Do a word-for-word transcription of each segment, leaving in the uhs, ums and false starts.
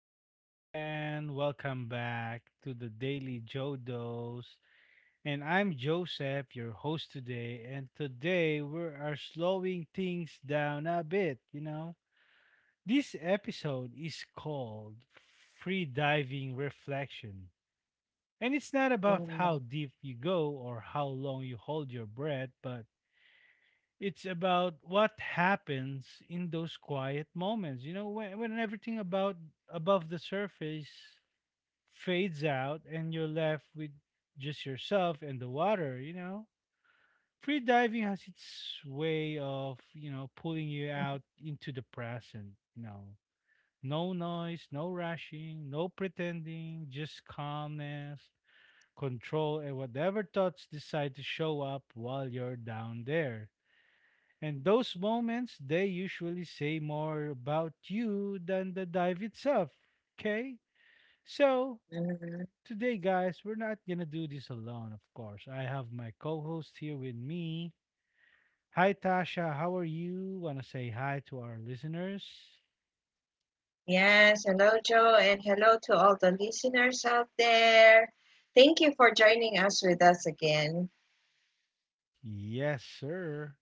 once again, welcome back to the Daily Jodos. And I'm Joseph, your host today. And today we are slowing things down a bit, you know. This episode is called Free Diving Reflection. And it's not about how Oh, deep you go or how long you hold your breath, but it's about what happens in those quiet moments. You know, when when everything about above the surface fades out and you're left with just yourself and the water, you know. Free diving has its way of, you know, pulling you out into the present, you know. No noise, no rushing, no pretending, just calmness, control, and whatever thoughts decide to show up while you're down there. And those moments, they usually say more about you than the dive itself. Okay? So, mhm. today, guys, we're not gonna do this alone, of course. I have my co host here with me. Hi, Tasha. How are you? Wanna say hi to our listeners? Yes, hello, Joe, and hello to all the listeners out there. Thank you for joining us with us again. Yes, sir.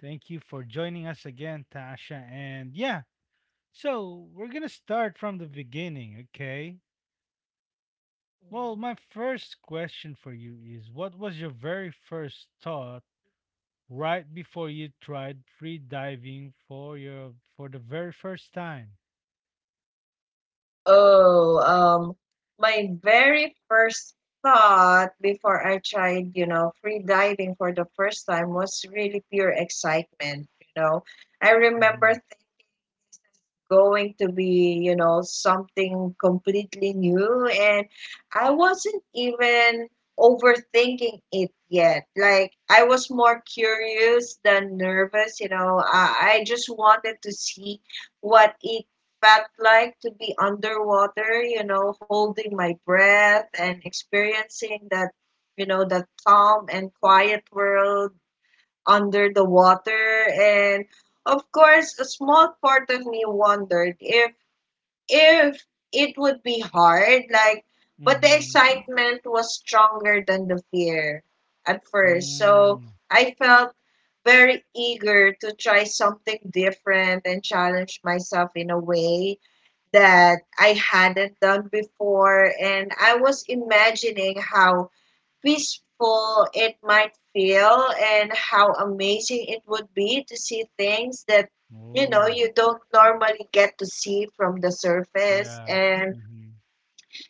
Thank you for joining us again, Tasha. And yeah, so we're gonna start from the beginning, okay? Well, Mhm. my first question for you is what was your very first thought right before you tried free diving for your for the very first time. Oh, um, my very first thought before I tried, you know, free diving for the first time was really pure excitement, you know. I remember Mhm. thinking this is going to be, you know, something completely new and I wasn't even overthinking it yet. Like I was more curious than nervous, you know. I, I just wanted to see what it felt like to be underwater, you know, holding my breath and experiencing that, you know, that calm and quiet world under the water. And of course, a small part of me wondered if if it would be hard, like, but the Mhm. excitement was stronger than the fear at first. So Mm. I felt very eager to try something different and challenge myself in a way that I hadn't done before. And I was imagining how peaceful it might feel and how amazing it would be to see things that you know Oh, you don't normally get to see from the surface, yeah. and Mhm.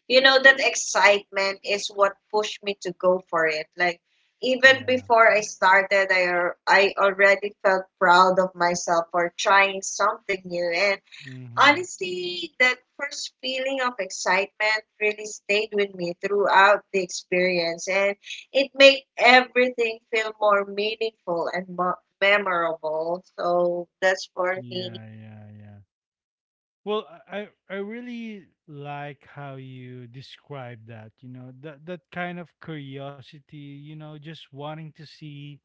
you know that excitement is what pushed me to go for it, like even Yeah. before I started, i al- i already felt proud of myself for trying something new. And Mhm. honestly, that first feeling of excitement really stayed with me throughout the experience, and it made everything feel more meaningful and more memorable. So that's for me. Yeah, yeah, yeah. Well, I I I really like how you describe that, you know, that that kind of curiosity, you know, just wanting to see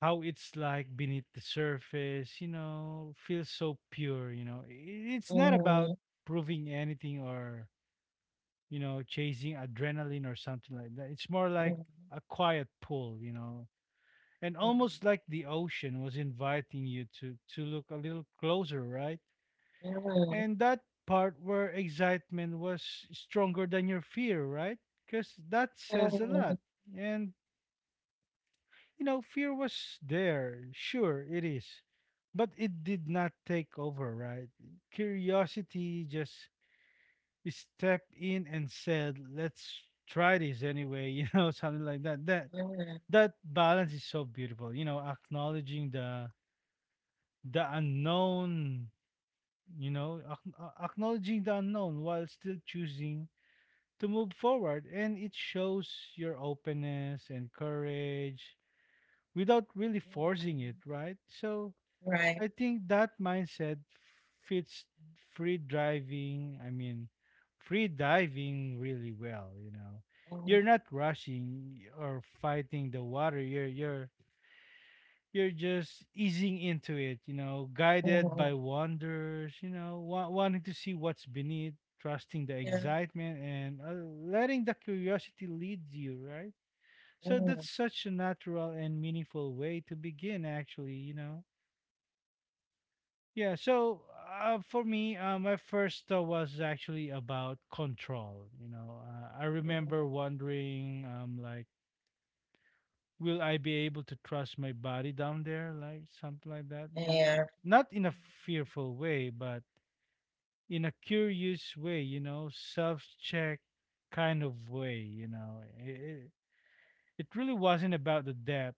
how it's like beneath the surface, you know, feels so pure, you know. I- It's not Mm, about proving anything or, you know, chasing adrenaline or something like that. It's more mm, like a quiet pull, you know. And mm, almost like the ocean was inviting you to to look a little closer, right? And that part where excitement was stronger than your fear, right? Because that says a mm, mm, lot. And you know, fear was there. Sure, it is. But it did not take over, right? Curiosity just stepped in and said, "Let's try this anyway," you know, something like that. That mm, that balance is so beautiful. You know, acknowledging the the unknown, you know, ac- uh, acknowledging the unknown while still choosing to move forward, and it shows your openness and courage without really forcing it, mm. right? So I Right. think that mindset fits free driving, I mean, free diving really well, you know. You're Mm, not rushing or fighting the water. You're you're you're just easing into it, you know, guided mm, by wonders, you know, wa- wanting to see what's beneath, trusting the yeah. excitement and uh, letting the curiosity lead you, right? Mm, So that's mm, such a natural and meaningful way to begin actually, you know Yeah, so uh, for me, uh, my first thought was actually about control. You know, uh, I remember wondering, um, like, will I be able to trust my body down there, like something like that? You know, yeah. not in a fearful way, but in a curious way. You know, self-check kind of way. You know, it it really wasn't about the depth,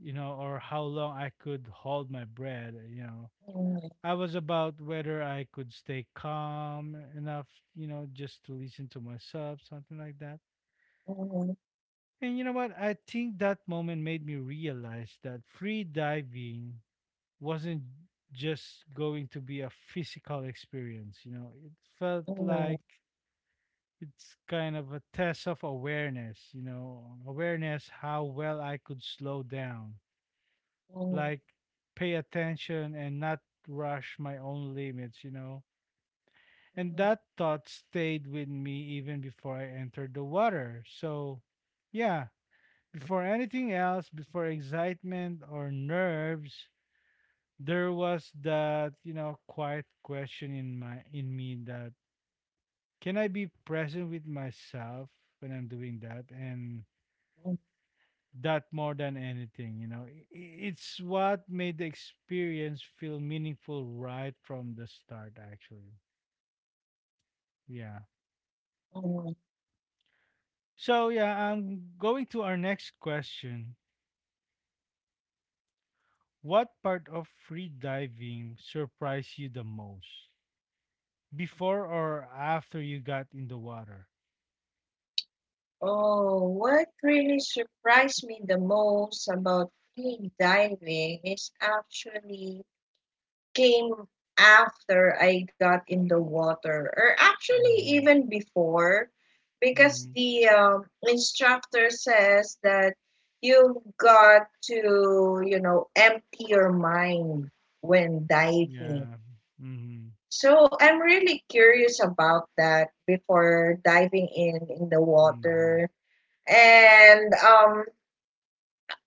you know, or how long I could hold my breath. You know Mm, I was about whether I could stay calm enough, you know, just to listen to myself, something like that. mm, And you know what? I think that moment made me realize that free diving wasn't just going to be a physical experience, you know, it felt mm, like it's kind of a test of awareness, you know, awareness how well I could slow down, mm, like pay attention and not rush my own limits, you know And that thought stayed with me even before I entered the water. So, yeah, before anything else, before excitement or nerves, there was that, you know, quiet question in my in me, that can I be present with myself when I'm doing that? And mm, mm, that more than anything, you know, i- it's what made the experience feel meaningful right from the start, actually. Yeah. mm. So yeah, I'm going to our next question. What part of free diving surprised you the most? Before or after you got in the water? Oh, what really surprised me the most about free diving is actually came after I got in the water, or actually Mhm. even before, Mhm. because the um, instructor says that you've got to, you know, empty your mind when diving. Yeah. Mhm. So I'm really curious about that before diving in in the Mhm. water. And um,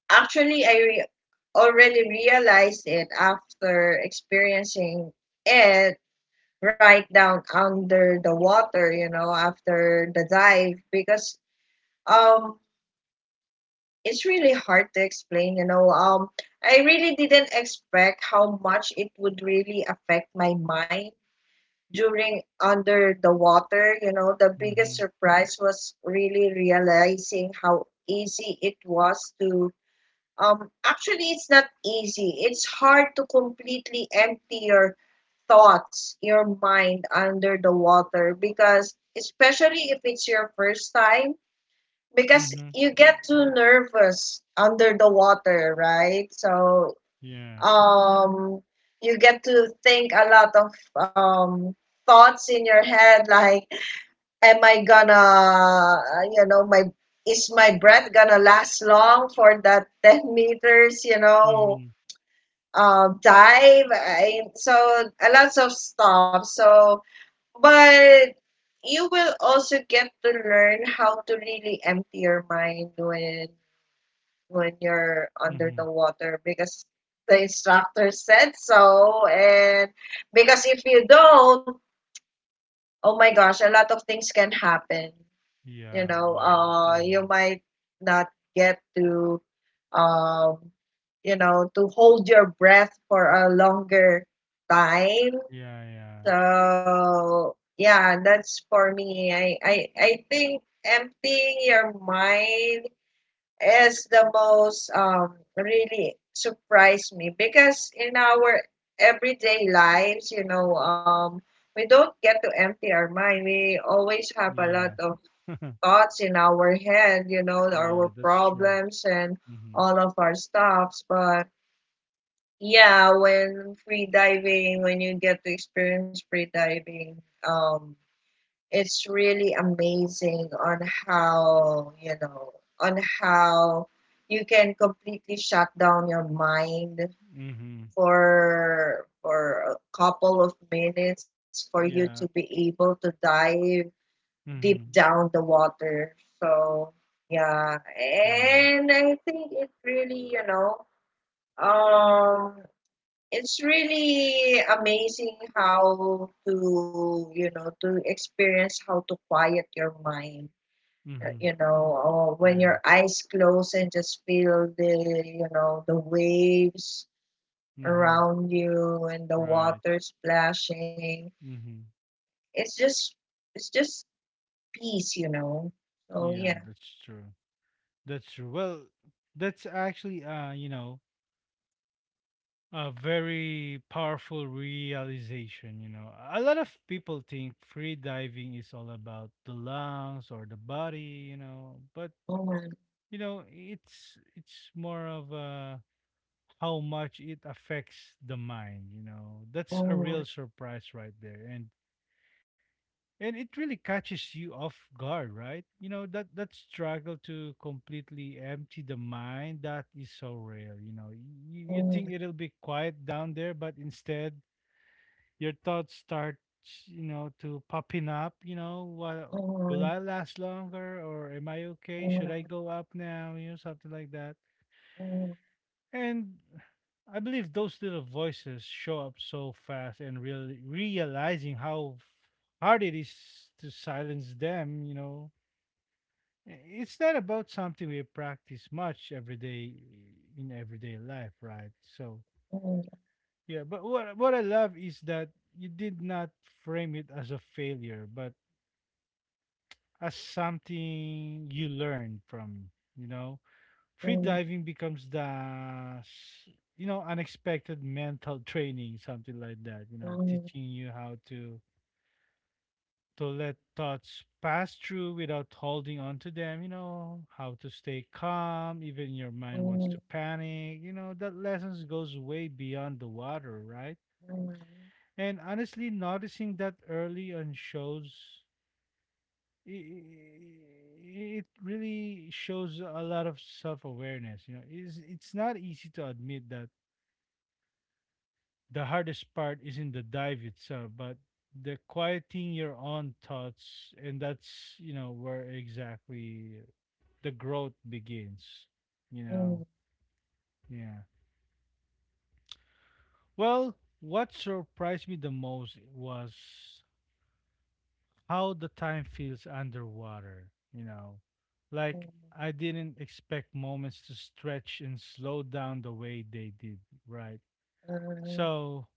actually, I re- already realized it after experiencing it right down under the water, you know, after the dive, because um, it's really hard to explain, you know. Um, I really didn't expect how much it would really affect my mind during under the water. You know the biggest Mhm. surprise was really realizing how easy it was to. Um, actually, it's not easy. It's hard to completely empty your thoughts, your mind under the water because, especially if it's your first time, because Mhm. you get too nervous under the water, right? So, Yeah. um, you get to think a lot of um, thoughts in your head like, am I gonna, you know, my is my breath gonna last long for that 10 meters you know Mhm. uh, dive, and so a lots of stuff. So but you will also get to learn how to really empty your mind when when you're under Mhm. the water, because the instructor said so. And because if you don't, oh my gosh, a lot of things can happen. you Yeah, know yeah. Uh you Mhm. might not get to um you know to hold your breath for a longer time. Yeah, yeah. So yeah, that's for me. I i, I think emptying your mind is the most um really surprised me, because in our everyday lives, you know um we don't get to empty our mind. We always have a lot Yeah. of thoughts in our head, you know, Yeah, our that's true. problems and Mhm. all of our stuffs. But yeah, when free diving, when you get to experience free diving, um, it's really amazing on how, you know, on how you can completely shut down your mind Mhm. for for a couple of minutes for you to Yeah. be able to dive deep Mhm. down the water. So yeah, Yeah. and I think it really, you know, um, it's really amazing how to, you know, to experience how to quiet your mind. uh, Mhm. You know, or when Yeah. your eyes close and just feel the, you know, the waves Mhm. around you and the Right. water splashing. Mm-hmm. It's just, it's just peace, you know. So Yeah, yeah. that's true. That's true. Well, that's actually uh, you know, a very powerful realization, you know. A lot of people think free diving is all about the lungs or the body, you know, but you know, it's it's more of uh how much it affects the mind, you know. That's a Mm, real surprise right there. And and it really catches you off guard, right you know that that struggle to completely empty the mind, that is so rare, you know. You, you mm, think it'll be quiet down there, but instead your thoughts start, you know, to popping up. You know, what, mm, will I last longer? Or am I okay? Should I mm, go up now? You know, something like that. mm, mm, And I believe those little voices show up so fast, and really realizing how hard it is to silence them, you know. I- It's not about something we practice much every day in everyday life, right? So, yeah, but what what I love is that you did not frame it as a failure, but as something you learned from, you know, free mm, diving becomes the s- you know unexpected mental training, something like that, you know, mm, teaching you how to to let thoughts pass through without holding on to them, you know, how to stay calm even your mind wants mm, to panic, you know, that lessons goes way beyond the water, right? mm, And honestly noticing that early on shows i- i- it really shows a lot of self-awareness, you know, it's, it's not easy to admit that the hardest part isn't the dive itself, but the quieting your own thoughts, and that's you know where exactly the growth begins. You know, yeah. Well, what surprised me the most was how the time feels underwater. You know, like I didn't expect moments to stretch and slow down the way they did. Right. mm, mm, So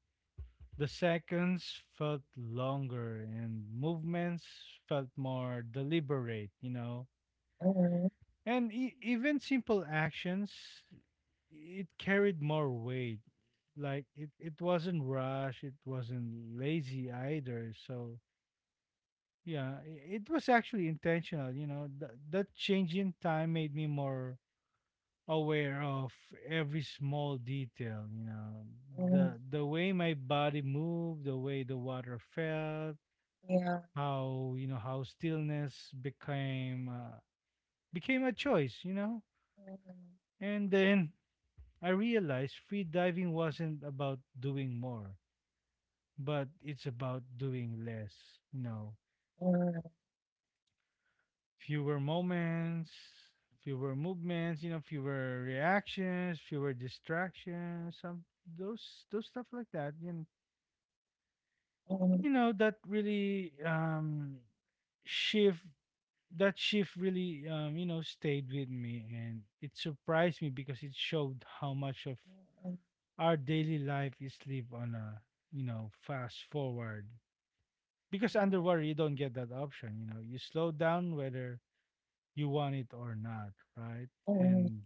the seconds felt longer and movements felt more deliberate, you know. mm, And e- even simple actions, it carried more weight. Like it, it wasn't rush, it wasn't lazy either. So, yeah, i- it was actually intentional, you know. Th- that change in time made me more aware of every small detail, you know, mm, the the way my body moved, the way the water felt, yeah. how, you know, how stillness became uh, became a choice, you know. And then I realized free diving wasn't about doing more, but it's about doing less, you know. Mm, Fewer moments, fewer movements, you know, fewer reactions, fewer distractions, some, those those stuff like that. And mm, mm, mm, you know that really um shift, that shift really, um, you know, stayed with me, and it surprised me because it showed how much of our daily life is lived on a, you know, fast forward, because underwater you don't get that option, you know, you slow down whether you want it or not, right? mm, And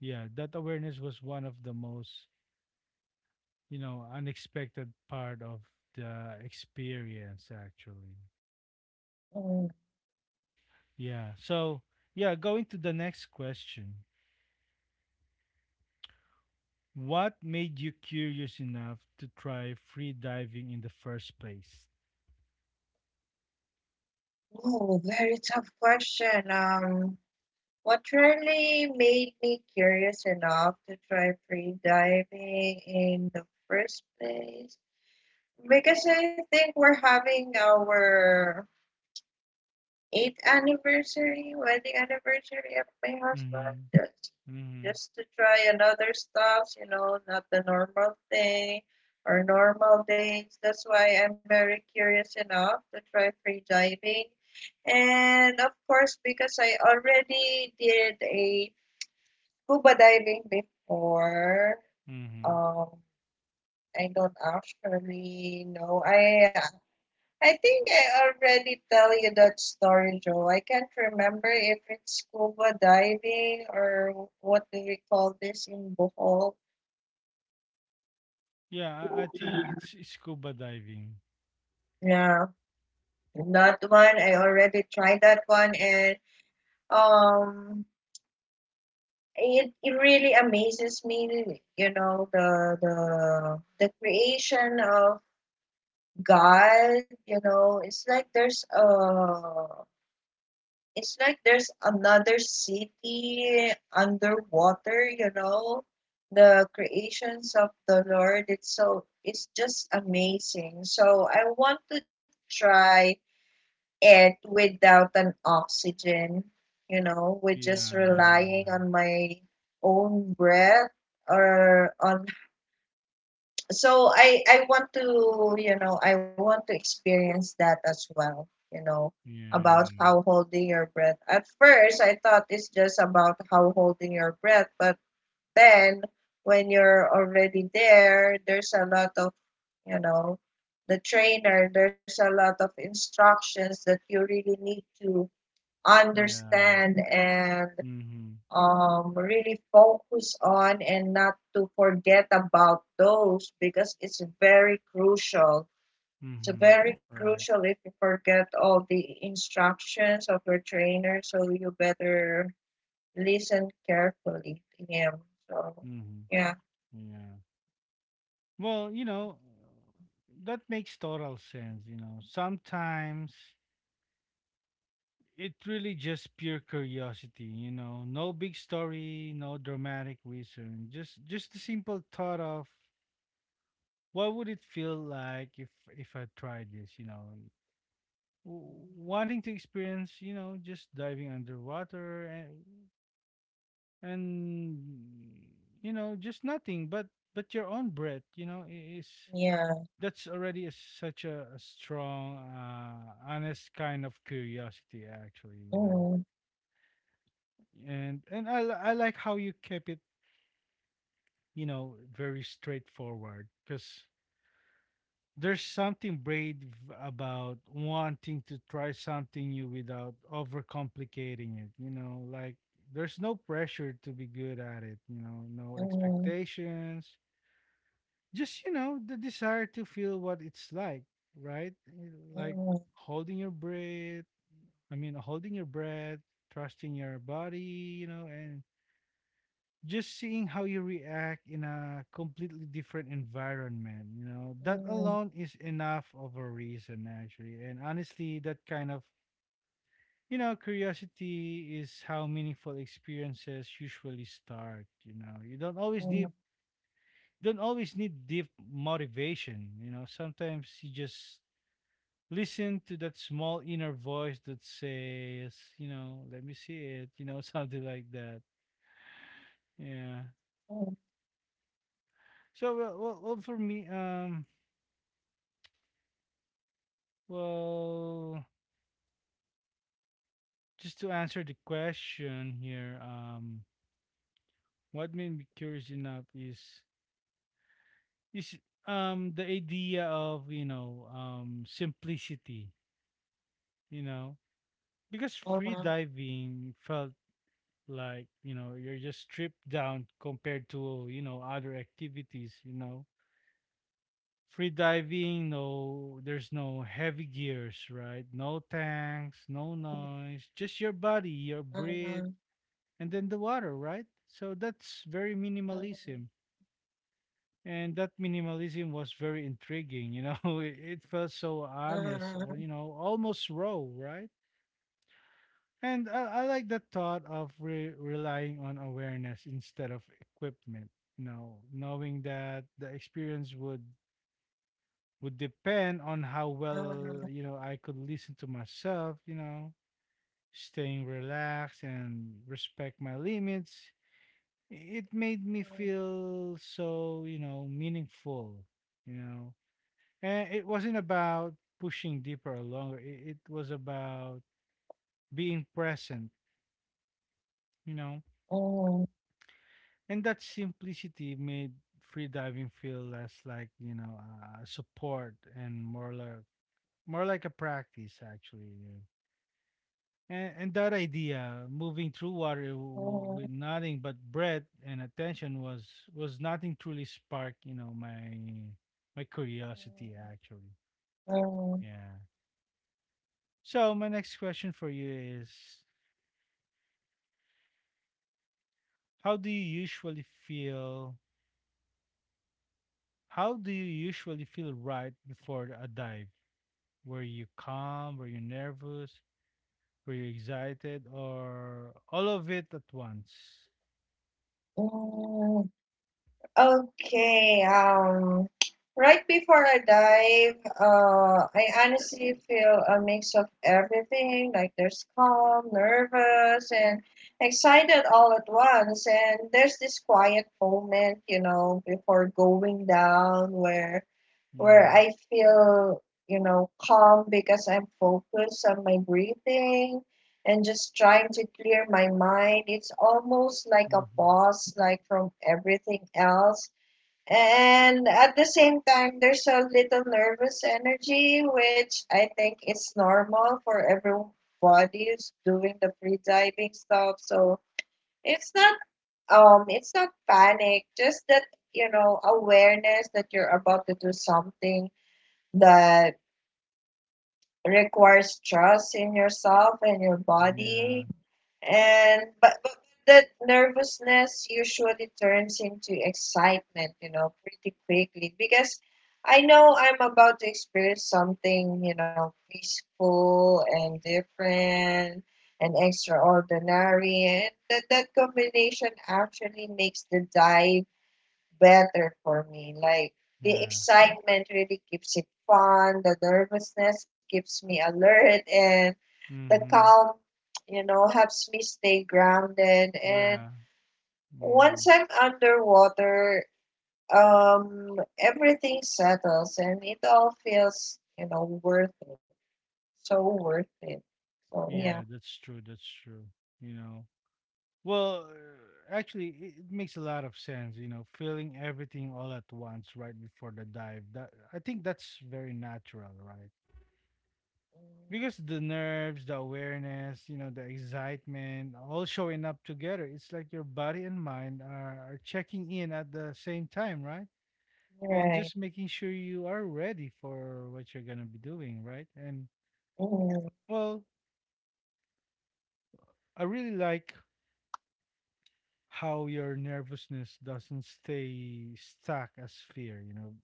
yeah, that awareness was one of the most, you know, unexpected part of the experience, actually. mm. Yeah. So yeah, going to the next question. What made you curious enough to try free diving in the first place? Oh, very tough question. Um, what really made me curious enough to try free diving in the first place? Because I think we're having our eighth anniversary, wedding anniversary of my husband, Mhm. just Mhm. just to try another stuffs, you know, not the normal thing or normal days. That's why I'm very curious enough to try free diving. And of course, because I already did a scuba diving before, Mhm. um, I don't actually know. I I think I already tell you that story, Joe. I can't remember if it's scuba diving or what do we call this in Bohol. Yeah, I, I think it's scuba diving. Yeah, that one I already tried that one, and um, it, it really amazes me. You know the the the creation of God. You know, it's like there's a It's like there's another city underwater, you know. The creations of the Lord, it's so it's just amazing. So I want to try it without an oxygen, you know, with Yeah, just yeah, relying on my own breath or on so I I want to you know I want to experience that as well, you know yeah, yeah, about yeah. how holding your breath. At first I thought it's just about how holding your breath, but then when you're already there, there's a lot of, you know the trainer, there's a lot of instructions that you really need to Yeah. understand and Mm-hmm. um, really focus on, and not to forget about those, because it's very crucial. It's Mm-hmm. very Right. crucial if you forget all the instructions of your trainer, so you better listen carefully to him. So, Mm-hmm. yeah, Yeah. Well, you know, that makes total sense. You know, sometimes it really just pure curiosity, you know. No big story, no dramatic reason. Just just the simple thought of what would it feel like if if I tried this, you know. And W- wanting to experience, you know, just diving underwater and and you know, just nothing but but your own breath, you know, i- is yeah. that's already a, such a, a strong uh honest kind of curiosity, actually, you know. Mm, and and I li- I like how you kept it, you know, very straightforward because there's something brave about wanting to try something new without overcomplicating it, you know, like there's no pressure to be good at it, you know, no mm, expectations, just you know, the desire to feel what it's like, right? Eh, like mm, holding your breath, I mean, holding your breath, trusting your body, you know, and just seeing how you react in a completely different environment, you know, that mm, mm, alone is enough of a reason, actually. And honestly, that kind of, you know, curiosity is how meaningful experiences usually start. You know, you don't always mm, need don't always need deep motivation. You know, sometimes you just listen to that small inner voice that says, you know, let me see it. You know, something like that. Yeah. So well, well, well for me, um Well, just to answer the question here, um, what made me curious enough is is um the idea of you know um simplicity, you know, mhm, because mhm, free diving felt like you know you're just stripped down compared to you know other activities, you know. Free diving, no, there's no heavy gears, right? No tanks, no noise, just your body, your mhm, breath and then the water, right? So that's very minimalism. And that minimalism was very intriguing, you know. It it felt so honest, or, you know, almost raw, right? And I, I like the thought of re- relying on awareness instead of equipment. You know, knowing that the experience would would depend on how mhm, mhm, well you know I could listen to myself. You know, staying relaxed and respect my limits it made me feel so you know meaningful you know and it wasn't about pushing deeper or longer it, it was about being present you know mhm, mhm, and that simplicity made freediving feel less like you know uh, support and more like more like a practice actually. And, and that idea, moving through water w- mhm, with nothing but breath and attention, was was nothing truly sparked, you know, my my curiosity actually. mm, mm, Yeah. So my next question for you is, how do you usually feel? How do you usually feel right before a dive? Were you calm? Were you nervous? Were you excited? Or all of it at once? mm. Okay, um, right before I dive, uh, I honestly feel a mix of everything. Like there's calm, nervous, and excited all at once. And there's this quiet moment, you know, before going down where where Mm-hmm. I feel, you know, calm because I'm focused on my breathing and just trying to clear my mind. It's almost like a Mm-hmm. pause, like from everything else. And at the same time, there's a little nervous energy, which I think is normal for everybody who's doing the free diving stuff. So it's not um it's not panic, just that, you know awareness that you're about to do something that requires trust in yourself and your Yeah. body. And but, but that nervousness usually turns into excitement, you know pretty quickly because I know I'm about to experience something, you know peaceful and different and extraordinary. And that, that combination actually makes the dive better for me. Like the Yeah. excitement really keeps it fun, the nervousness keeps me alert, and the Mm-hmm. calm, you know, helps me stay grounded. And Yeah. Hmm. once I'm underwater, um, everything settles and it all feels, you know, worth it. So worth it. So yeah. Yeah, that's true. That's true. You know, well, uh, actually, it it makes a lot of sense. You know, feeling everything all at once right before the dive. That I think that's very natural, right? Mm, Because the nerves, the awareness, you know, the excitement, all showing up together. It's like your body and mind are, are checking in at the same time, right? And just right. making sure you are ready for what you're gonna be doing, right? And Mm, well, I really like how your nervousness doesn't stay stuck as fear, you know.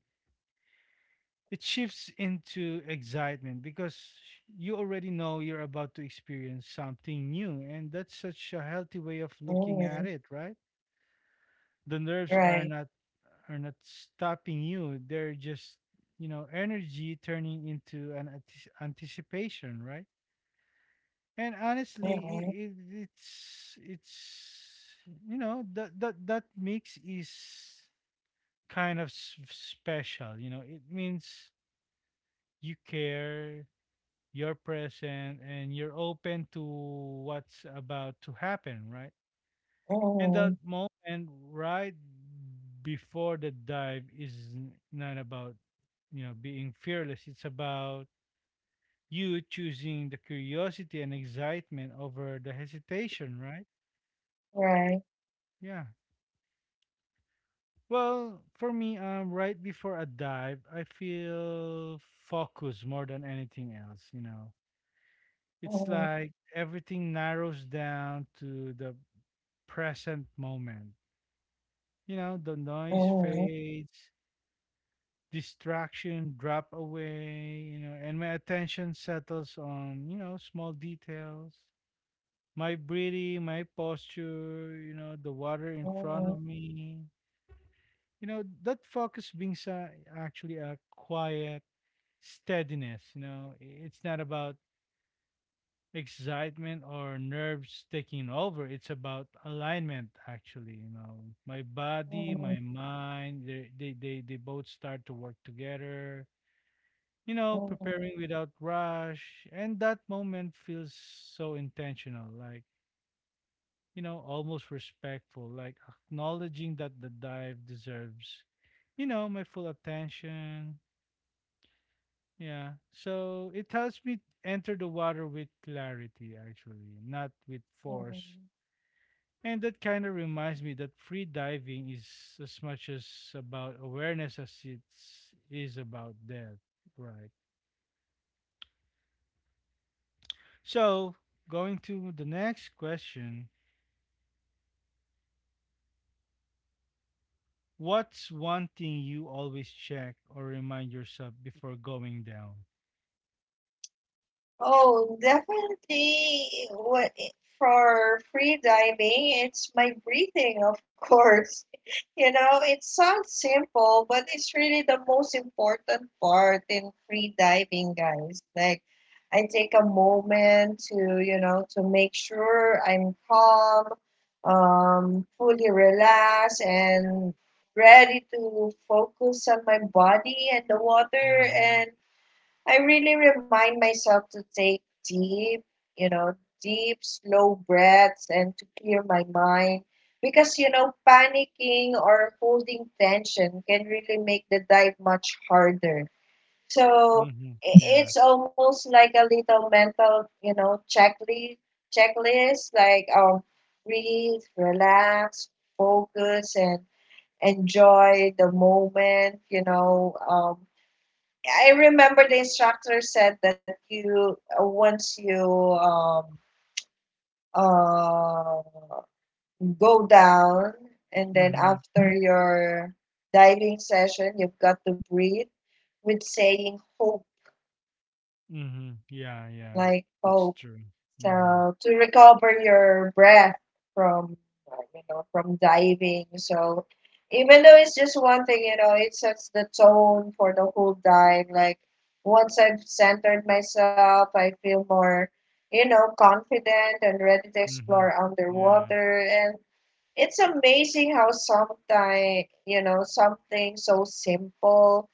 It shifts into excitement because you already know you're about to experience something new, and that's such a healthy way of mm, looking at it, right? The nerves right. are not are not stopping you; they're just, you know, energy turning into an antici- anticipation, right? And honestly, it, Mm, it, it's it's you know that that that mix is kind of s- special. You know, it means you care, you're present, and you're open to what's about to happen, right? And that mm, moment right before the dive is n- not about, you know, being fearless. It's about you choosing the curiosity and excitement over the hesitation, right? right. Yeah. Well, for me, um, right before a dive, I feel focus more than anything else. You know, Mm, it's like everything narrows down to the present moment. You know, the noise mm. fades, distraction drop away, you know, and my attention settles on, you know, small details. My breathing, my posture, you know, the water in front Mm, of me. You know, that focus being sa- actually a quiet steadiness, you know. I- It's not about excitement or nerves taking over. It's about alignment, actually. You know, my body, mm, my mind, they they they, they both start to work together. You know, mm, preparing without rush, and that moment feels so intentional, like you know, almost respectful, like acknowledging that the dive deserves, you know, my full attention. Yeah, so it helps me enter the water with clarity, actually, not with force. mm. And that kind of reminds me that free diving is as much as about awareness as it is about death, right? So, going to the next question. What's one thing you always check or remind yourself before going down? Oh, definitely. What for free diving? It's my breathing, of course. You know, it sounds simple, but it's really the most important part in free diving, guys. Like, I take a moment to, you know, to make sure I'm calm, um, fully relaxed, and ready to focus on my body and the water. Mm-hmm. And I really remind myself to take deep, you know, deep, slow breaths and to clear my mind. Because, you know, panicking or holding tension can really make the dive much harder. So Mm-hmm. i- Yeah. it's almost like a little mental, you know, checklist, checklist like um, breathe, relax, focus, and enjoy the moment, you know. Um, I remember the instructor said that you uh, once you um uh go down, and then Mm-hmm. after your diving session you've got to breathe with saying hope, Mm-hmm. Yeah. Yeah. like That's hope. true. Mm-hmm. So to recover your breath from uh, you know from diving. So even though it's just one thing, you know, it sets the tone for the whole dive. Like once I've centered myself, I feel more, you know, confident and ready to Mm-hmm. explore Yeah. underwater. And it's amazing how sometimes, you know, something so simple,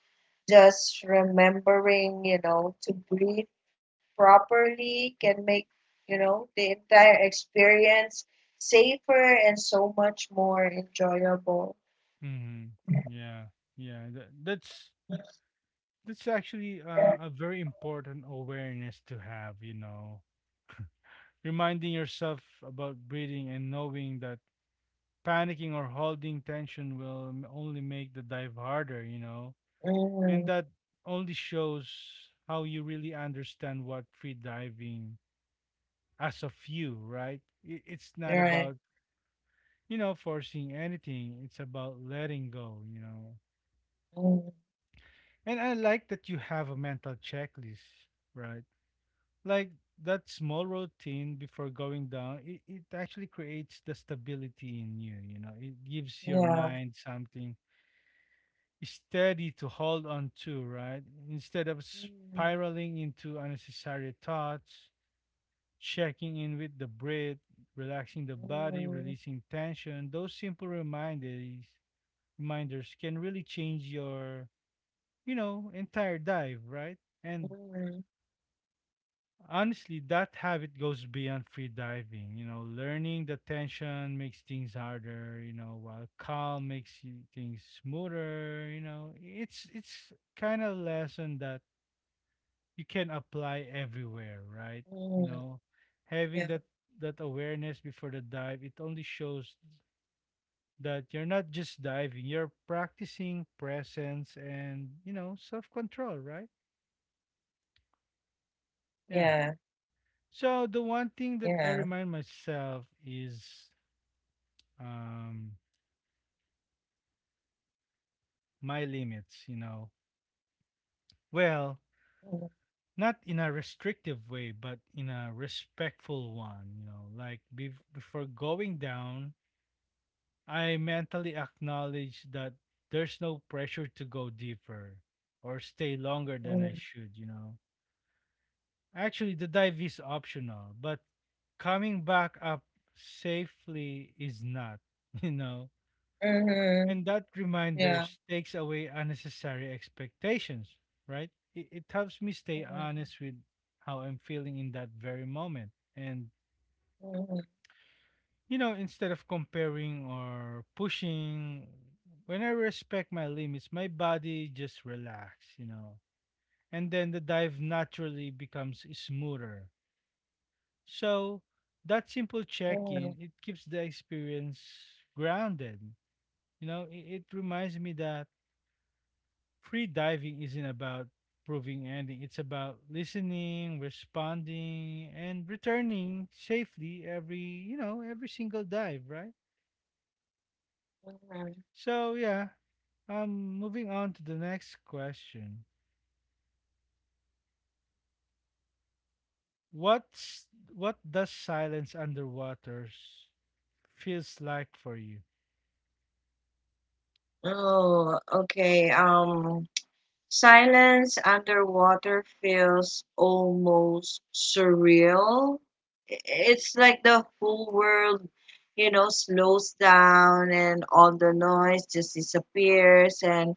just remembering, you know, to breathe properly can make, you know, the entire experience safer and so much more enjoyable. Mm-hmm. Yeah. Yeah. That, that's that's actually uh, a very important awareness to have, you know, reminding yourself about breathing and knowing that panicking or holding tension will m- only make the dive harder, you know, and Mm, that only shows how you really understand what free diving as of you, right? I- It's not right. about, you know, forcing anything, it's about letting go, you know. Mm, And I like that you have a mental checklist, right? Like that small routine before going down it, it actually creates the stability in you you know it gives your yeah. mind something steady to hold on to right instead of Mm, spiraling into unnecessary thoughts checking in with the breath relaxing the body mm, releasing tension those simple reminders reminders can really change your you know entire dive right and mm, honestly, that habit goes beyond free diving. You know, learning the tension makes things harder, you know, while calm makes you, things smoother, you know. It's it's kind of lesson that you can apply everywhere, right? mm, You know, yeah. having that that awareness before the dive, it only shows that you're not just diving, you're practicing presence and, you know, self-control, right? Yeah. Yeah. So Yeah. the one thing that I remind myself is um my limits, you know. Well, Mm, not in a restrictive way, but in a respectful one, you know. Like bef- before going down, I mentally acknowledge that there's no pressure to go deeper or stay longer mm, than I should, you know. Actually, the dive is optional, but coming back up safely is not, you know. mhm, And that yeah. reminders takes away unnecessary expectations, right? It, it helps me stay Mm, honest with how I'm feeling in that very moment. And, mm, you know, instead of comparing or pushing, when I respect my limits, my body just relax, you know, and then the dive naturally becomes smoother. So that mm, simple check-in, it keeps the experience grounded. You know, it, it reminds me that free diving isn't about proving anything. It's about listening, responding, and returning safely every you know every single dive, right? mm. So yeah, um, moving on to the next question. What's what does silence underwaters feels like for you? Oh, okay. Um, Silence underwater feels almost surreal. I- It's like the whole world, you know, slows down and all the noise just disappears. And,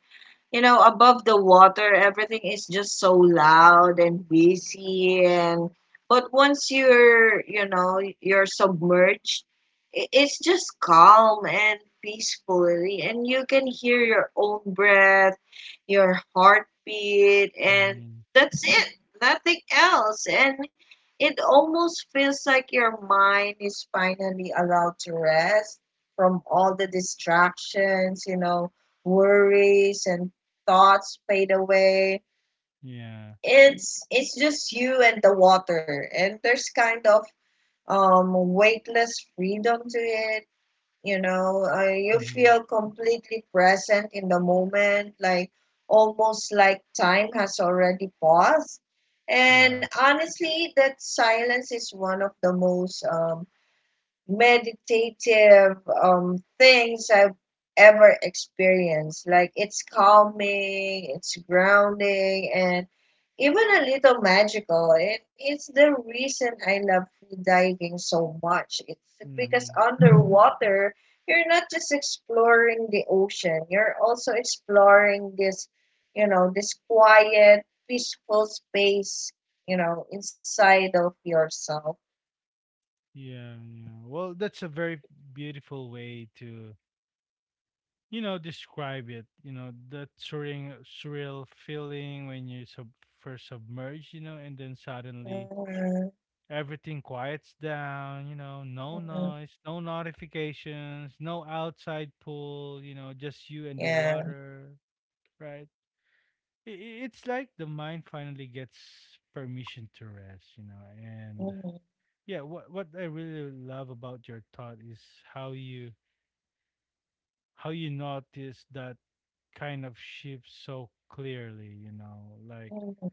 you know, above the water, everything is just so loud and busy, and but once you're, you know, you're submerged, i- it's just calm and peacefully and you can hear your own breath, your heartbeat, and Mm-hmm. that's it. Nothing else. And it almost feels like your mind is finally allowed to rest from all the distractions, you know, worries and thoughts fade away. Yeah. It's it's just you and the water, and there's kind of um weightless freedom to it. You know, uh, you Mm-hmm. feel completely present in the moment, like almost like time has already paused. And Yeah. honestly, that silence is one of the most um, meditative um, things I've ever experienced. Like it's calming, it's grounding, and even a little magical. And it's the reason I love free diving so much. It's because Mm-hmm. underwater, you're not just exploring the ocean, you're also exploring this, you know, this quiet, peaceful space, you know, inside of yourself. Yeah, yeah. Well, that's a very beautiful way to you know, describe it. You know, that surreal, surreal feeling when you sub- first submerge, you know, and then suddenly Mhm, everything quiets down, you know, no mhm. noise, no notifications, no outside pool, you know, just you and the Yeah. water, right? I- i- It's like the mind finally gets permission to rest, you know, and Mm, yeah, what what I really love about your thought is how you how you notice that kind of shifts so clearly, you know, like mm,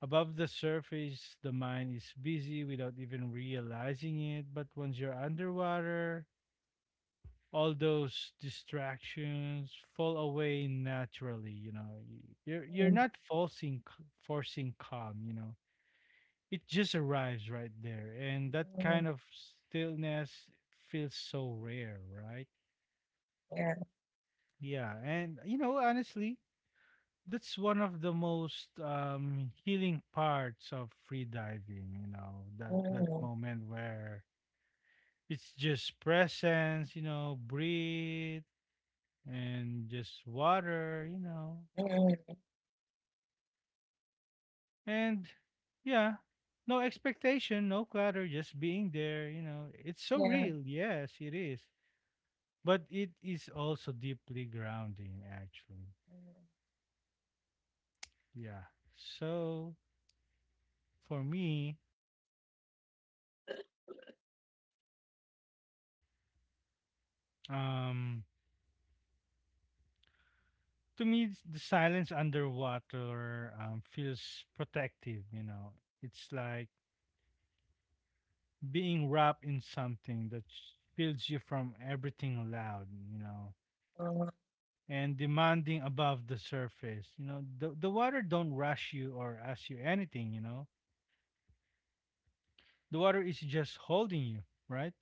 above the surface, the mind is busy without even realizing it. But once you're underwater, all those distractions fall away naturally. You know, you're you're mm, not forcing forcing calm. You know, it just arrives right there, and that mm, kind of stillness feels so rare, right? yeah. Yeah, and you know, honestly, that's one of the most um healing parts of free diving you know that that Mm, moment where it's just presence you know breathe and just water you know mm, and yeah no expectation no clutter just being there you know it's so real yeah. yes it is but it is also deeply grounding actually Mm, yeah so for me um to me, it's- the silence underwater um, feels protective. You know, it's like being wrapped in something that shields you from everything loud. You know, mm, and demanding above the surface. You know, the the water don't rush you or ask you anything. You know, the water is just holding you, right?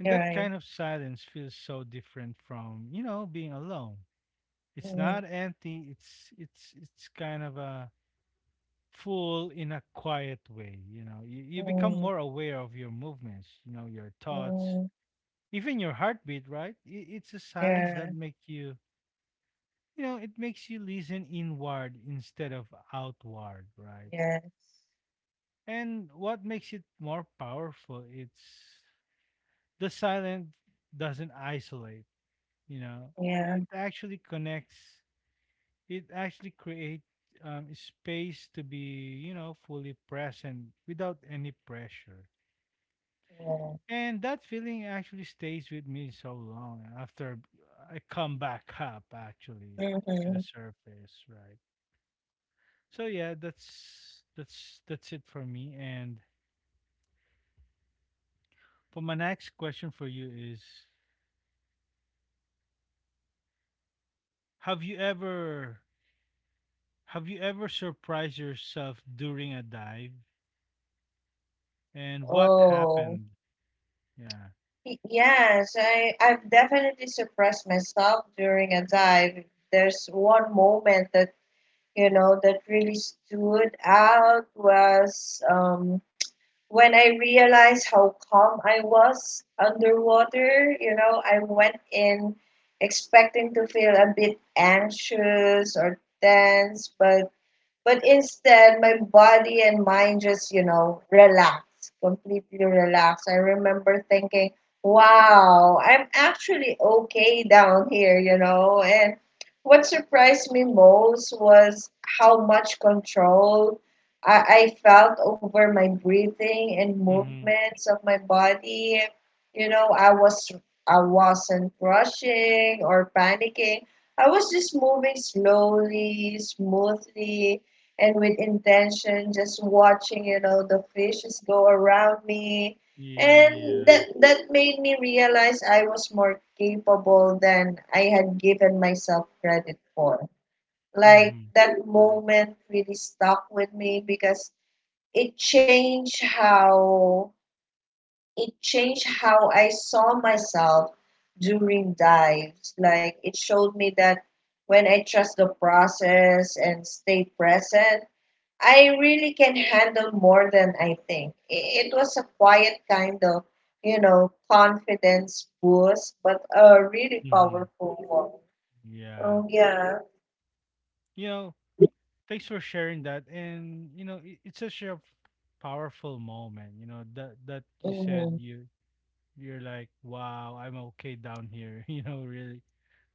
And you're that right. kind of silence feels so different from you know being alone. It's Mm, not empty. It's it's it's kind of a full in a quiet way. You know, you, you become mm, more aware of your movements, you know, your thoughts, mm, even your heartbeat, right? I- It's a silence that yeah. makes you, you know, it makes you listen inward instead of outward, right? Yeah. And what makes it more powerful, it's the silence doesn't isolate, you know, Yeah. it actually connects, it actually creates um, space to be, you know, fully present without any pressure. Yeah. And that feeling actually stays with me so long after I come back up actually to the Mm-hmm. surface, right? So yeah, that's that's that's it for me. And for my next question for you is have you ever have you ever surprised yourself during a dive? And what Oh. happened? Yeah. Y- Yes, I, I've definitely suppressed myself during a dive. There's one moment that, you know, that really stood out was um when I realized how calm I was underwater. You know, I went in expecting to feel a bit anxious or tense, but but instead, my body and mind just, you know, relax, completely relax. I remember thinking, wow, I'm actually okay down here, you know. And what surprised me most was how much control I, I felt over my breathing and Mm-hmm. movements of my body. You know, I was I wasn't rushing or panicking. I was just moving slowly, smoothly, and with intention, just watching, you know, the fishes go around me. Yeah, And yeah. that that made me realize I was more capable than I had given myself credit for. Like Mm-hmm. that moment really stuck with me because it changed how it changed how I saw myself during dives. Like it showed me that when I trust the process and stay present, I really can handle more than I think. I- It was a quiet kind of, you know, confidence boost, but a really Mm-hmm. powerful one. Yeah. Oh yeah. You know, thanks for sharing that and you know it, it's such a f- powerful moment you know that that you said Mm-hmm. you you're like wow I'm okay down here you know really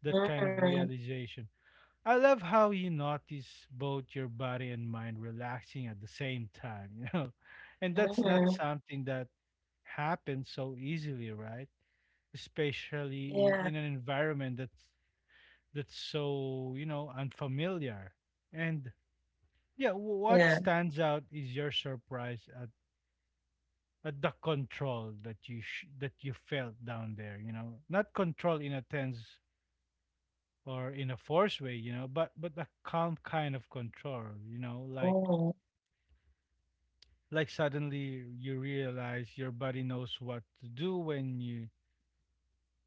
that kind of Mm-hmm. realization I love how you notice both your body and mind relaxing at the same time you know and that's not Mm-hmm. something that happens so easily right Yeah. especially i- in an environment that's that's so you know unfamiliar and yeah, wh- Yeah. what stands out is your surprise at, at the control that you sh- that you felt down there, you know. Not control in a tense or in a forced way, you know, but but a calm kind of control, you know, like Mm-hmm. like suddenly you realize your body knows what to do when you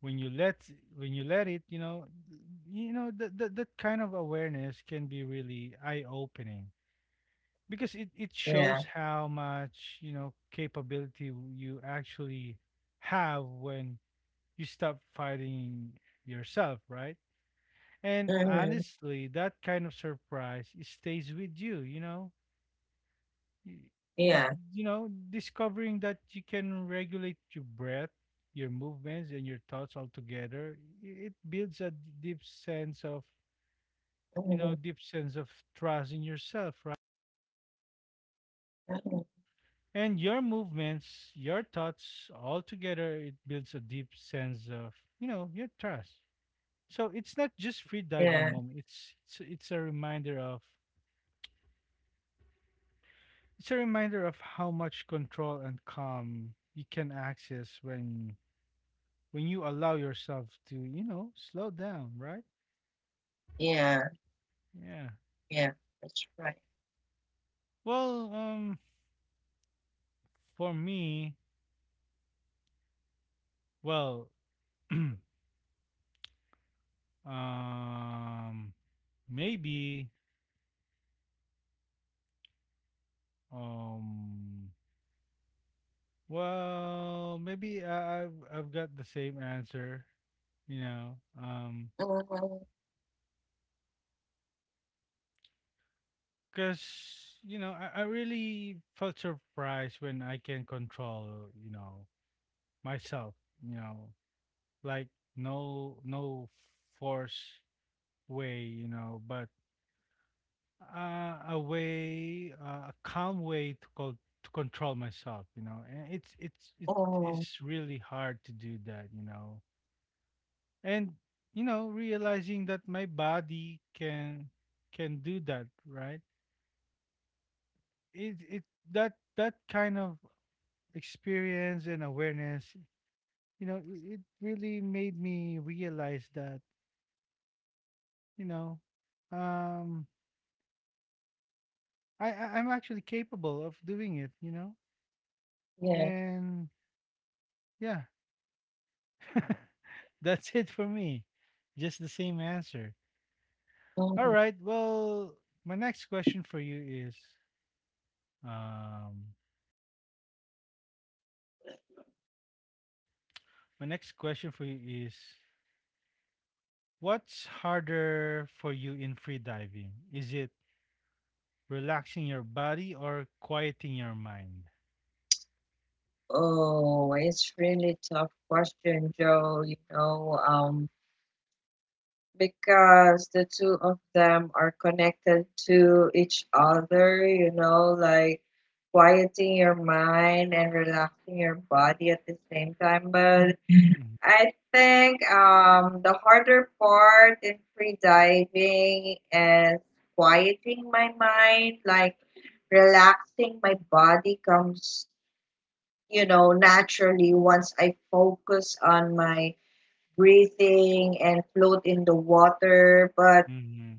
when you let when you let it, you know, you know that that, that kind of awareness can be really eye-opening, because it, it Yeah. shows how much you know capability you actually have when you stop fighting yourself, right? And Mm-hmm. honestly, that kind of surprise, it stays with you, you know. Y- this, Yeah. you know discovering that you can regulate your breath, your movements, and your thoughts all together, i- it builds a d- deep sense of, you Mm-hmm. know deep sense of trust in yourself. Mm-hmm. And your movements, your thoughts, all together, it builds a deep sense of, you know, your trust. So it's not just free diving Yeah. moment. It's it's it's a reminder of it's a reminder of how much control and calm you can access when when you allow yourself to, you know, slow down, right? Yeah. Yeah. Yeah. That's right. Well, um for me, well, um maybe um well, maybe I, I've I've got the same answer, you know, um, Mm-hmm. because you know I, I really felt surprised when I can control, you know, myself, you know, like no no force way, you know, but uh, a way, uh, a calm way to call to control myself, you know, and it's it's it Oh. is really hard to do that, you know. And you know realizing that my body can, can do that, right? it it that that kind of experience and awareness, you know, it, it really made me realize that, you know, um I, I i'm actually capable of doing it, you know. Hmm. Yeah. And yeah, that's it for me, just the same answer. All Mm. right, well, my next question for you is um my next question for you is, what's harder for you in free diving? Is it relaxing your body or quieting your mind? Oh, it's really tough question, Joe. You know, um, because the two of them are connected to each other, you know, like quieting your mind and relaxing your body at the same time. But Mm-hmm. I think um, the harder part in free diving is quieting my mind, like relaxing my body comes, you know, naturally once I focus on my breathing and float in the water. But Mm-hmm.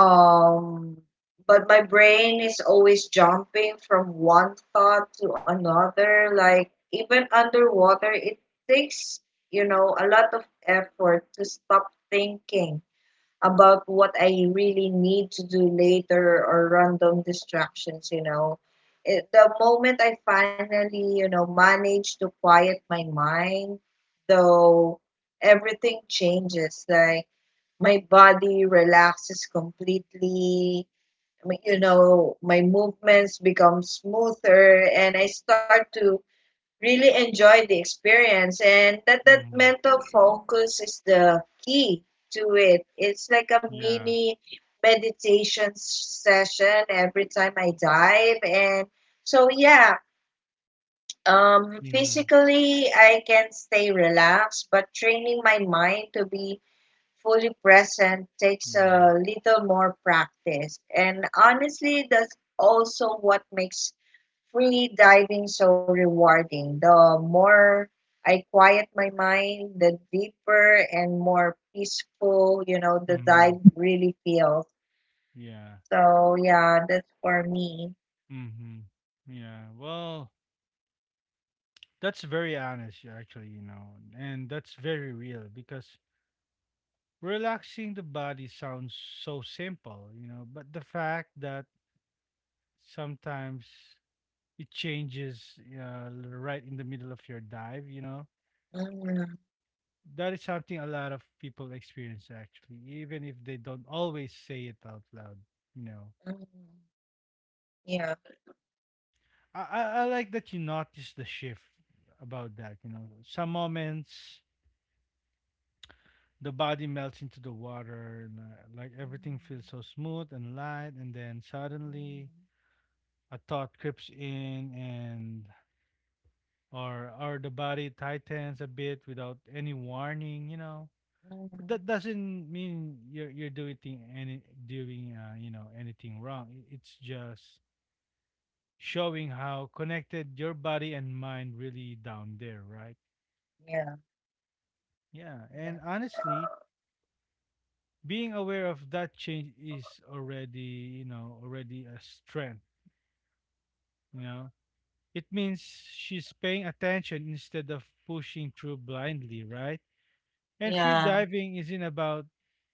um, but my brain is always jumping from one thought to another. Like even underwater, it takes, you know, a lot of effort to stop thinking about what I really need to do later or random distractions, you know. It, the moment I finally, you know, manage to quiet my mind, though, everything changes. Like my body relaxes completely. I mean, you know, my movements become smoother and I start to really enjoy the experience. And that that Mm-hmm. mental focus is the key to it. It's like a Yeah. mini meditation s- session every time I dive. And so yeah, um Mm-hmm. physically I can stay relaxed, but training my mind to be fully present takes Yeah. a little more practice. And honestly, that's also what makes free diving so rewarding. The more I quiet my mind, the deeper and more peaceful, you know, the Mm-hmm. dive really feels. Yeah. So, yeah, that's for me. Mm-hmm. Yeah. Well, that's very honest, yeah, actually, you know, and that's very real, because relaxing the body sounds so simple, you know, but the fact that sometimes it changes, uh, right in the middle of your dive, you know, Mm, that is something a lot of people experience, actually, even if they don't always say it out loud, you know. mm, yeah. I i, I like that you notice the shift about that, you know, some moments the body melts into the water, and uh, like everything Mm, feels so smooth and light, and then suddenly a thought creeps in, and or or the body tightens a bit without any warning, you know. mm, mm, That doesn't mean you're you're doing any doing uh, you know anything wrong. I- It's just showing how connected your body and mind really down there, right? yeah. Yeah, and Yeah. honestly, being aware of that change is already you know already a strength. You know, it means she's paying attention instead of pushing through blindly, right? And free Yeah. diving isn't about,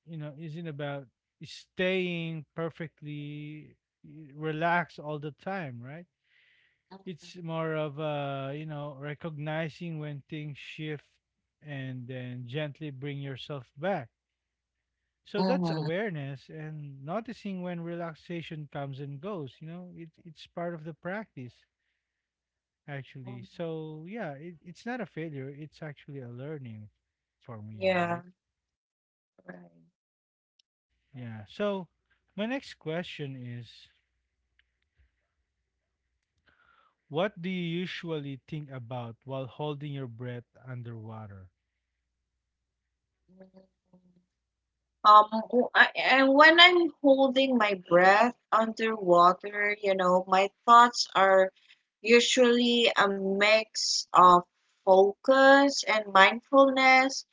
you know, isn't about staying perfectly relaxed all the time, right? It's more of, uh, you know, recognizing when things shift and then gently bring yourself back. So Mm, that's mm, awareness, and noticing when relaxation comes and goes, you know, it, it's part of the practice, actually. mm, So yeah, it, it's not a failure, it's actually a learning for me, right? yeah. Right. Yeah. So my next question is, what do you usually think about while holding your breath underwater? Um, w- I, and when I'm holding my breath underwater, you know, my thoughts are usually a mix of focus and mindfulness.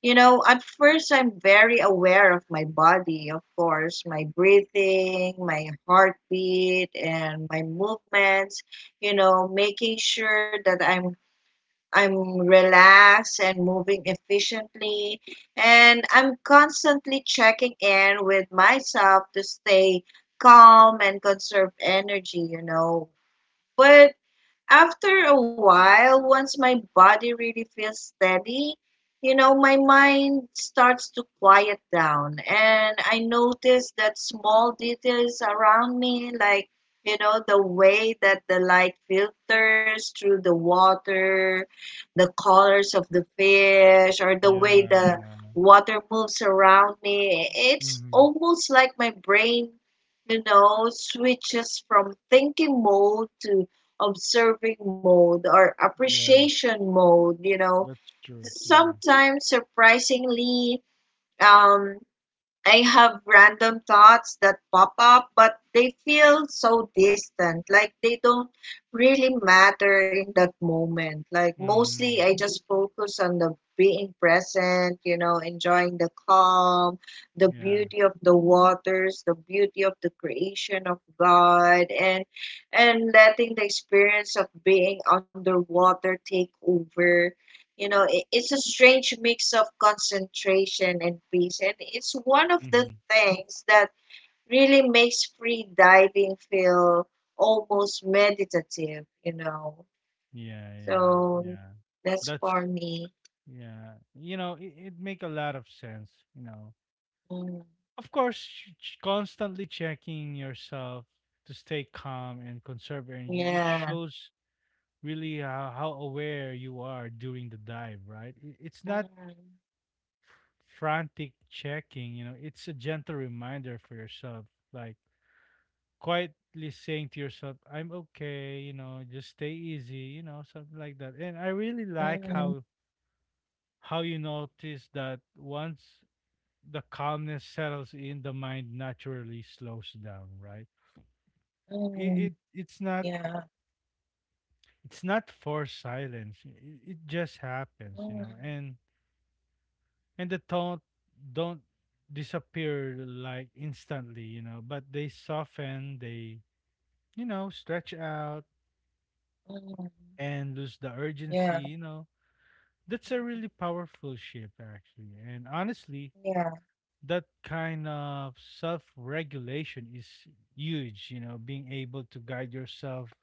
You know, at first I'm very aware of my body, of course, my breathing, my heartbeat, and my movements, you know, making sure that I'm I'm relaxed and moving efficiently, and I'm constantly checking in with myself to stay calm and conserve energy, you know. But after a while, once my body really feels steady, you know, my mind starts to quiet down. And I notice that small details around me, like, you know, the way that the light filters through the water, the colors of the fish, or the way Yeah, the yeah. water moves around me. It's Mm-hmm. almost like my brain, you know, switches from thinking mode to observing mode or Yeah, appreciation mode, you know. that's true. Yeah. Sometimes surprisingly, um I have random thoughts that pop up, but they feel so distant. Like they don't really matter in that moment. Like Mm-hmm. mostly I just focus on the being present, you know, enjoying the calm, the Yeah. beauty of the waters, the beauty of the creation of God, and and letting the experience of being underwater take over. You know, it, it's a strange mix of concentration and peace, and it's one of the Mm-hmm. things that really makes free diving feel almost meditative, you know. Yeah, yeah, So yeah. that's for That's me. yeah. You know, it, it make a lot of sense, you know. Mm, Of course, ch- ch- constantly checking yourself to stay calm and conserve energy. It yeah. shows really how, how aware you are during the dive, right? I- It's not Mm, frantic checking, you know, it's a gentle reminder for yourself, like quietly saying to yourself, I'm okay, you know, just stay easy, you know, something like that. And I really mm, like how how you notice that once the calmness settles in, the mind naturally slows down, right? It, mm, it it's not yeah. it's not forced silence. It, it just happens, you Mm, know. And and the tone don't disappear, like, instantly, you know, but they soften, they, you know, stretch out mm, and lose the urgency, yeah. you know. That's a really powerful shift, actually. And honestly, Yeah. that kind of self regulation is huge, you know, being able to guide yourself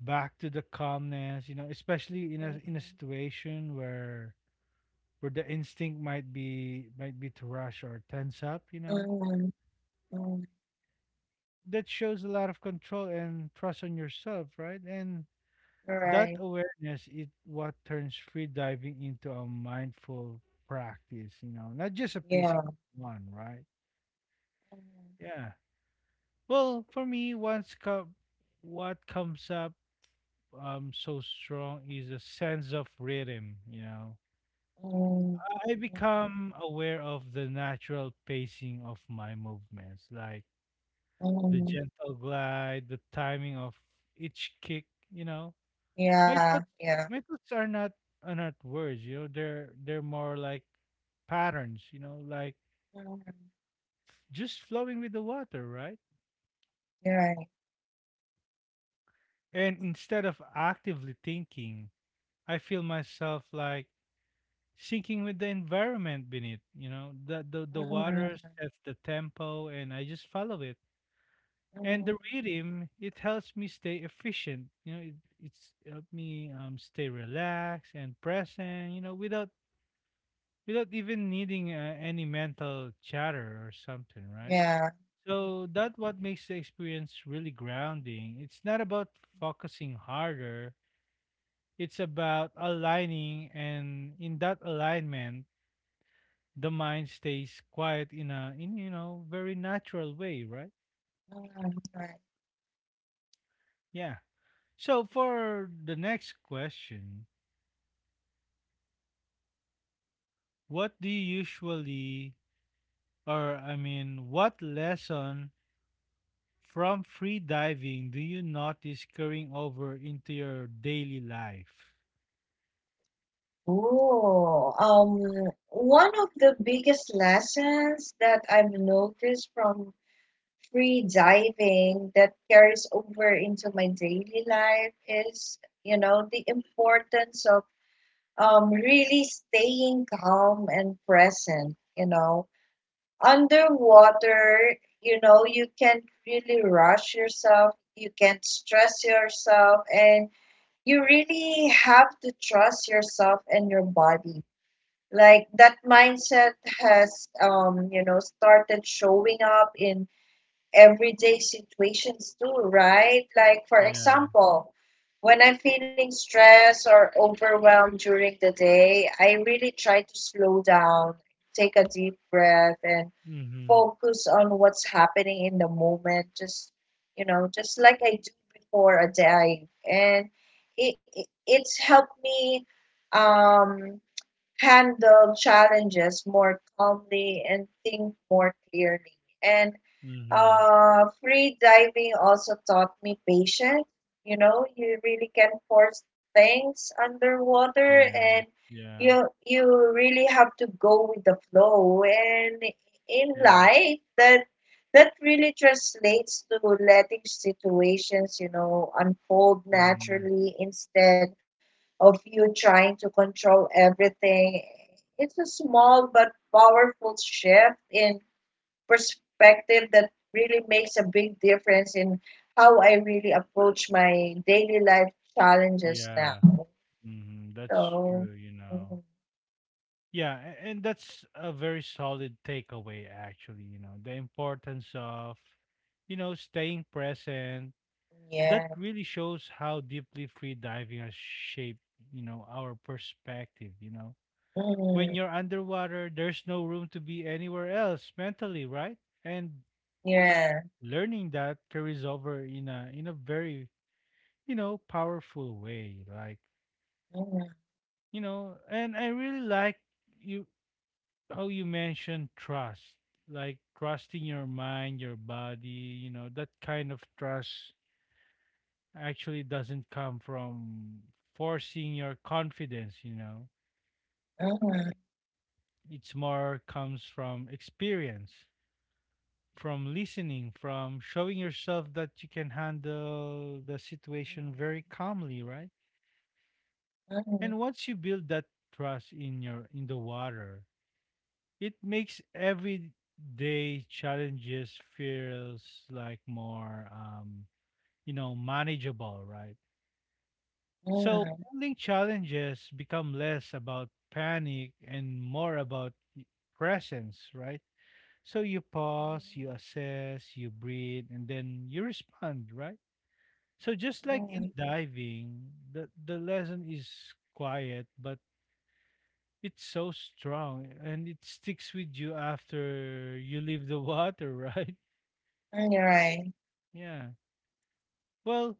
back to the calmness, you know, especially in a in a Mm, situation where where the instinct might be might be to rush or tense up, you know. mm, mm, That shows a lot of control and trust on yourself, right? And that right. awareness is what turns free diving into a mindful practice, you know, not just a physical Yeah. one, right? Yeah. Well, for me, once co- what comes up um so strong is a sense of rhythm, you know. Mm, mm, I mm. become aware of the natural pacing of my movements, like the Mm. gentle glide, the timing of each kick, you know. my thoughts Yeah, yeah. my thoughts are not are not words, you know. They're they're more like patterns, you know, like Mhm. just flowing with the water, right? You're right. And instead of actively thinking, I feel myself like sinking with the environment beneath, you know. The the, the Mhm, water sets the tempo, and I just follow it. And the mhm. rhythm, it helps me stay efficient, you know. It, it's helped me, um, stay relaxed and present, you know, without without even needing, uh, any mental chatter or something, right? Yeah. So Mhm, that what makes the experience really grounding. It's not about focusing harder. It's about aligning, and in that alignment, the mind stays quiet in a in, you know, very natural way, right? mhm. Right. Yeah. So for the next question, what do you usually, or I mean, what lesson from free diving, do you notice carrying over into your daily life? Ooh, um, one of the biggest lessons that I've noticed from free diving that carries over into my daily life is, you know, the importance of um really staying calm and present. You know, underwater, you know, you can not really rush yourself, you can not stress yourself, and you really have to trust yourself and your body. Like that mindset has, um, you know, started showing up in everyday situations too, right? Like, for Yeah. example, when I'm feeling stressed or overwhelmed during the day, I really try to slow down, take a deep breath, and Mm-hmm. focus on what's happening in the moment, just you know, just like I do before a dive. And it, it it's helped me um handle challenges more calmly and think more clearly. And Mm-hmm. uh, free diving also taught me patience. You know, you really can force things underwater, Yeah. and Yeah. you you really have to go with the flow. And in Yeah. life, that that really translates to letting situations, you know, unfold Mm-hmm. naturally instead of you trying to control everything. It's a small but powerful shift in perspective that really makes a big difference in how I really approach my daily life challenges now. Yeah. Mm-hmm. That's So, true, you mhm, know. Yeah, a- and that's a very solid takeaway, actually, you know. The importance of, you know, staying present. That yeah, really shows how deeply free diving has shaped, you know, our perspective, you know, mhm, when you're underwater, there's no room to be anywhere else mentally, right? And yeah, learning that carries over in a in a very, you know, powerful way. Like, mhm, you know, and I really like you how you mentioned trust. Like trusting your mind, your body, you know, that kind of trust actually doesn't come from forcing your confidence, you know. mhm, It's more comes from experience, from listening, from showing yourself that you can handle the situation very calmly, right? mhm, And once you build that trust in your in the water, it makes everyday challenges feels like more, um, you know, manageable, right? So mhm, handling challenges become less about panic and more about presence, right? So you pause, you assess, you breathe, and then you respond, right? So just like in mhm, diving, the the lesson is quiet, but it's so strong and it sticks with you after you leave the water, right? mhm, you're right. Yeah. Well,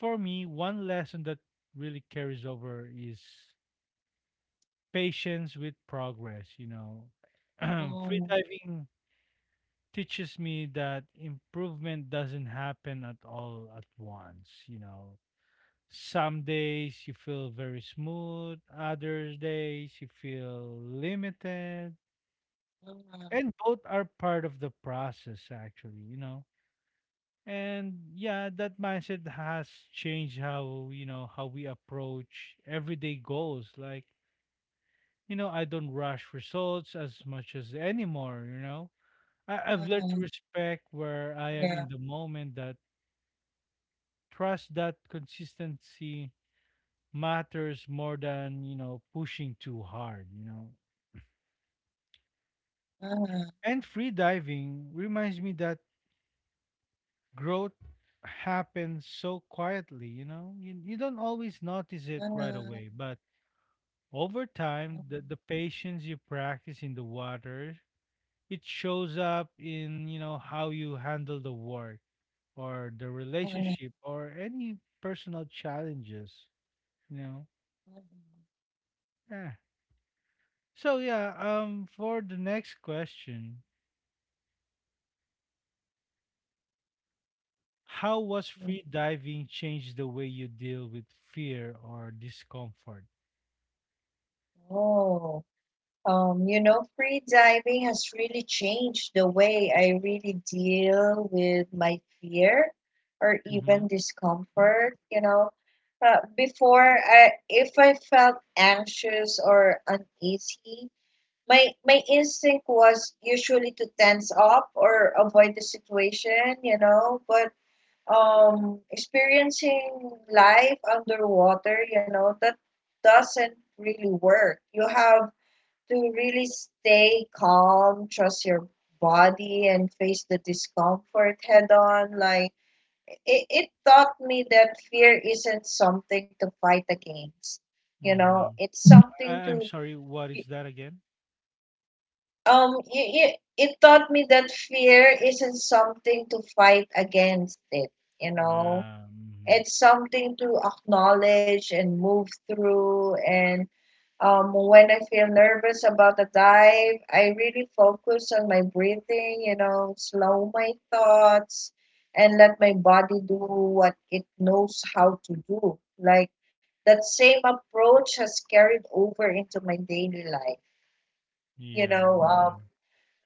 for me, one lesson that really carries over is patience with progress, you know. Free Mhm, diving teaches me that improvement doesn't happen at all at once, you know. Some days you feel very smooth, others days you feel limited. mhm, And both are part of the process, actually, you know. And yeah, that mindset has changed how, you know, how we approach everyday goals. Like, you know, I don't rush results as much as anymore, you know. I, I've mhm, learned to respect where I yeah. am in the moment, that trust, that consistency matters more than, you know, pushing too hard, you know. Mhm, And free diving reminds me that growth happens so quietly, you know. You, you don't always notice it right mhm, away, but over time, the, the patience you practice in the water, it shows up in, you know, how you handle the work or the mhm, relationship or any personal challenges, you know. mhm, Yeah. So yeah, um for the next question, how was mhm. free diving changed the way you deal with fear or discomfort? Oh. Um, you know, free diving has really changed the way I really deal with my fear or Mm-hmm. even discomfort. You know, uh, before I, if I felt anxious or uneasy, my my instinct was usually to tense up or avoid the situation. You know, but um, experiencing life underwater, you know, that doesn't really work. You have to really stay calm, trust your body, and face the discomfort head on. Like, it, it taught me that fear isn't something to fight against. You know, it's Mm-hmm. something I- I'm to, sorry, what is that again? um, y y it taught me that fear isn't something to fight against it. You know, Yeah. Mm-hmm. it's something to acknowledge and move through. And Um, when I feel nervous about the dive, I really focus on my breathing, you know, slow my thoughts and let my body do what it knows how to do. Like that same approach has carried over into my daily life. You Yeah. know, Yeah. um,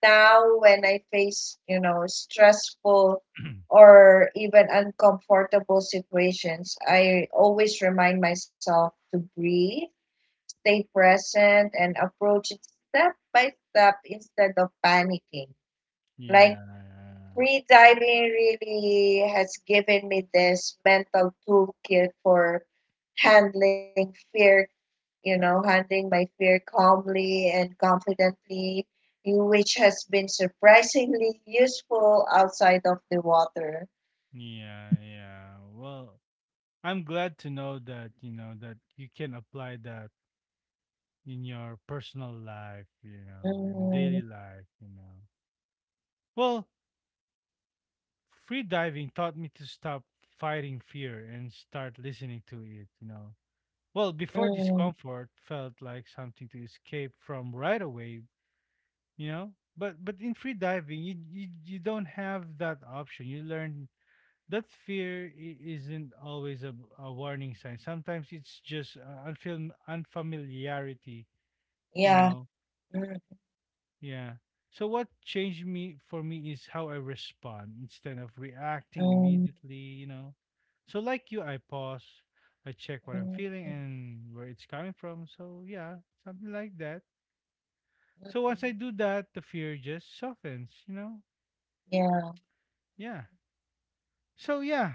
now when I face, you know, stressful or even uncomfortable situations, I always remind myself to breathe, stay present, and approach it step by step instead of panicking. Like Yeah. free diving really has given me this mental toolkit for handling fear, you know, handling my fear calmly and confidently, which has been surprisingly useful outside of the water. Yeah. Yeah. Well, I'm glad to know that, you know, that you can apply that in your personal life, you know, and daily Mm, life, you know. Well, free diving taught me to stop fighting fear and start listening to it, you know. Well, before, mm, discomfort felt like something to escape from right away, you know? But but in free diving, you you, you don't have that option. You learn that fear i- isn't always a, a warning sign. Sometimes it's just, uh, unfam- unfamiliarity, you yeah. know? Mm, Yeah. So what changed me for me is how I respond instead of reacting mm, immediately, you know. So like you, I pause, I check what I'm mm, feeling and where it's coming from. So yeah, something like that. mm, So mm, once I do that, the fear just softens, you know? yeah. Yeah. So yeah.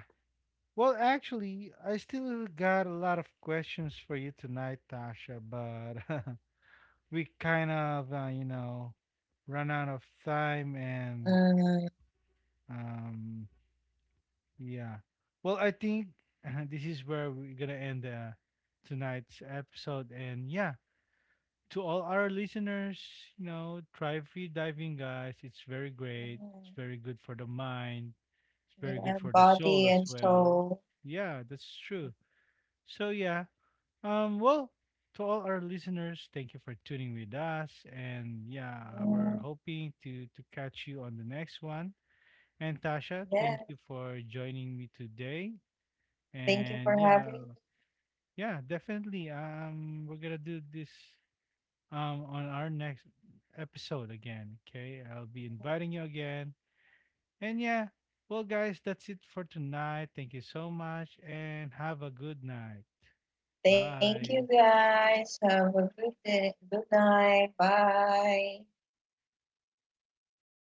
Well, actually, I still got a lot of questions for you tonight, Tasha, but we kind of, uh, you know, run out of time, and Mm. um yeah. Well, I think, uh, this is where we're going to end, uh, tonight's episode. And yeah, to all our listeners, you know, try free diving, guys. It's very great. It's Mm, very good for the mind. It's very good yeah, for the soul body as and well. soul. Yeah, that's true. So yeah. Um well, to all our listeners, thank you for tuning with us, and yeah, Mm, we're hoping to to catch you on the next one. And Tasha, yeah, thank you for joining me today. thank you for And yeah, having me. yeah, definitely, um we're gonna do this, um on our next episode again. Okay, I'll be inviting you again. And yeah, well, guys, that's it for tonight. Thank you so much, and have a good night. Thank you Bye. guys. Have a good day. Good night. Bye.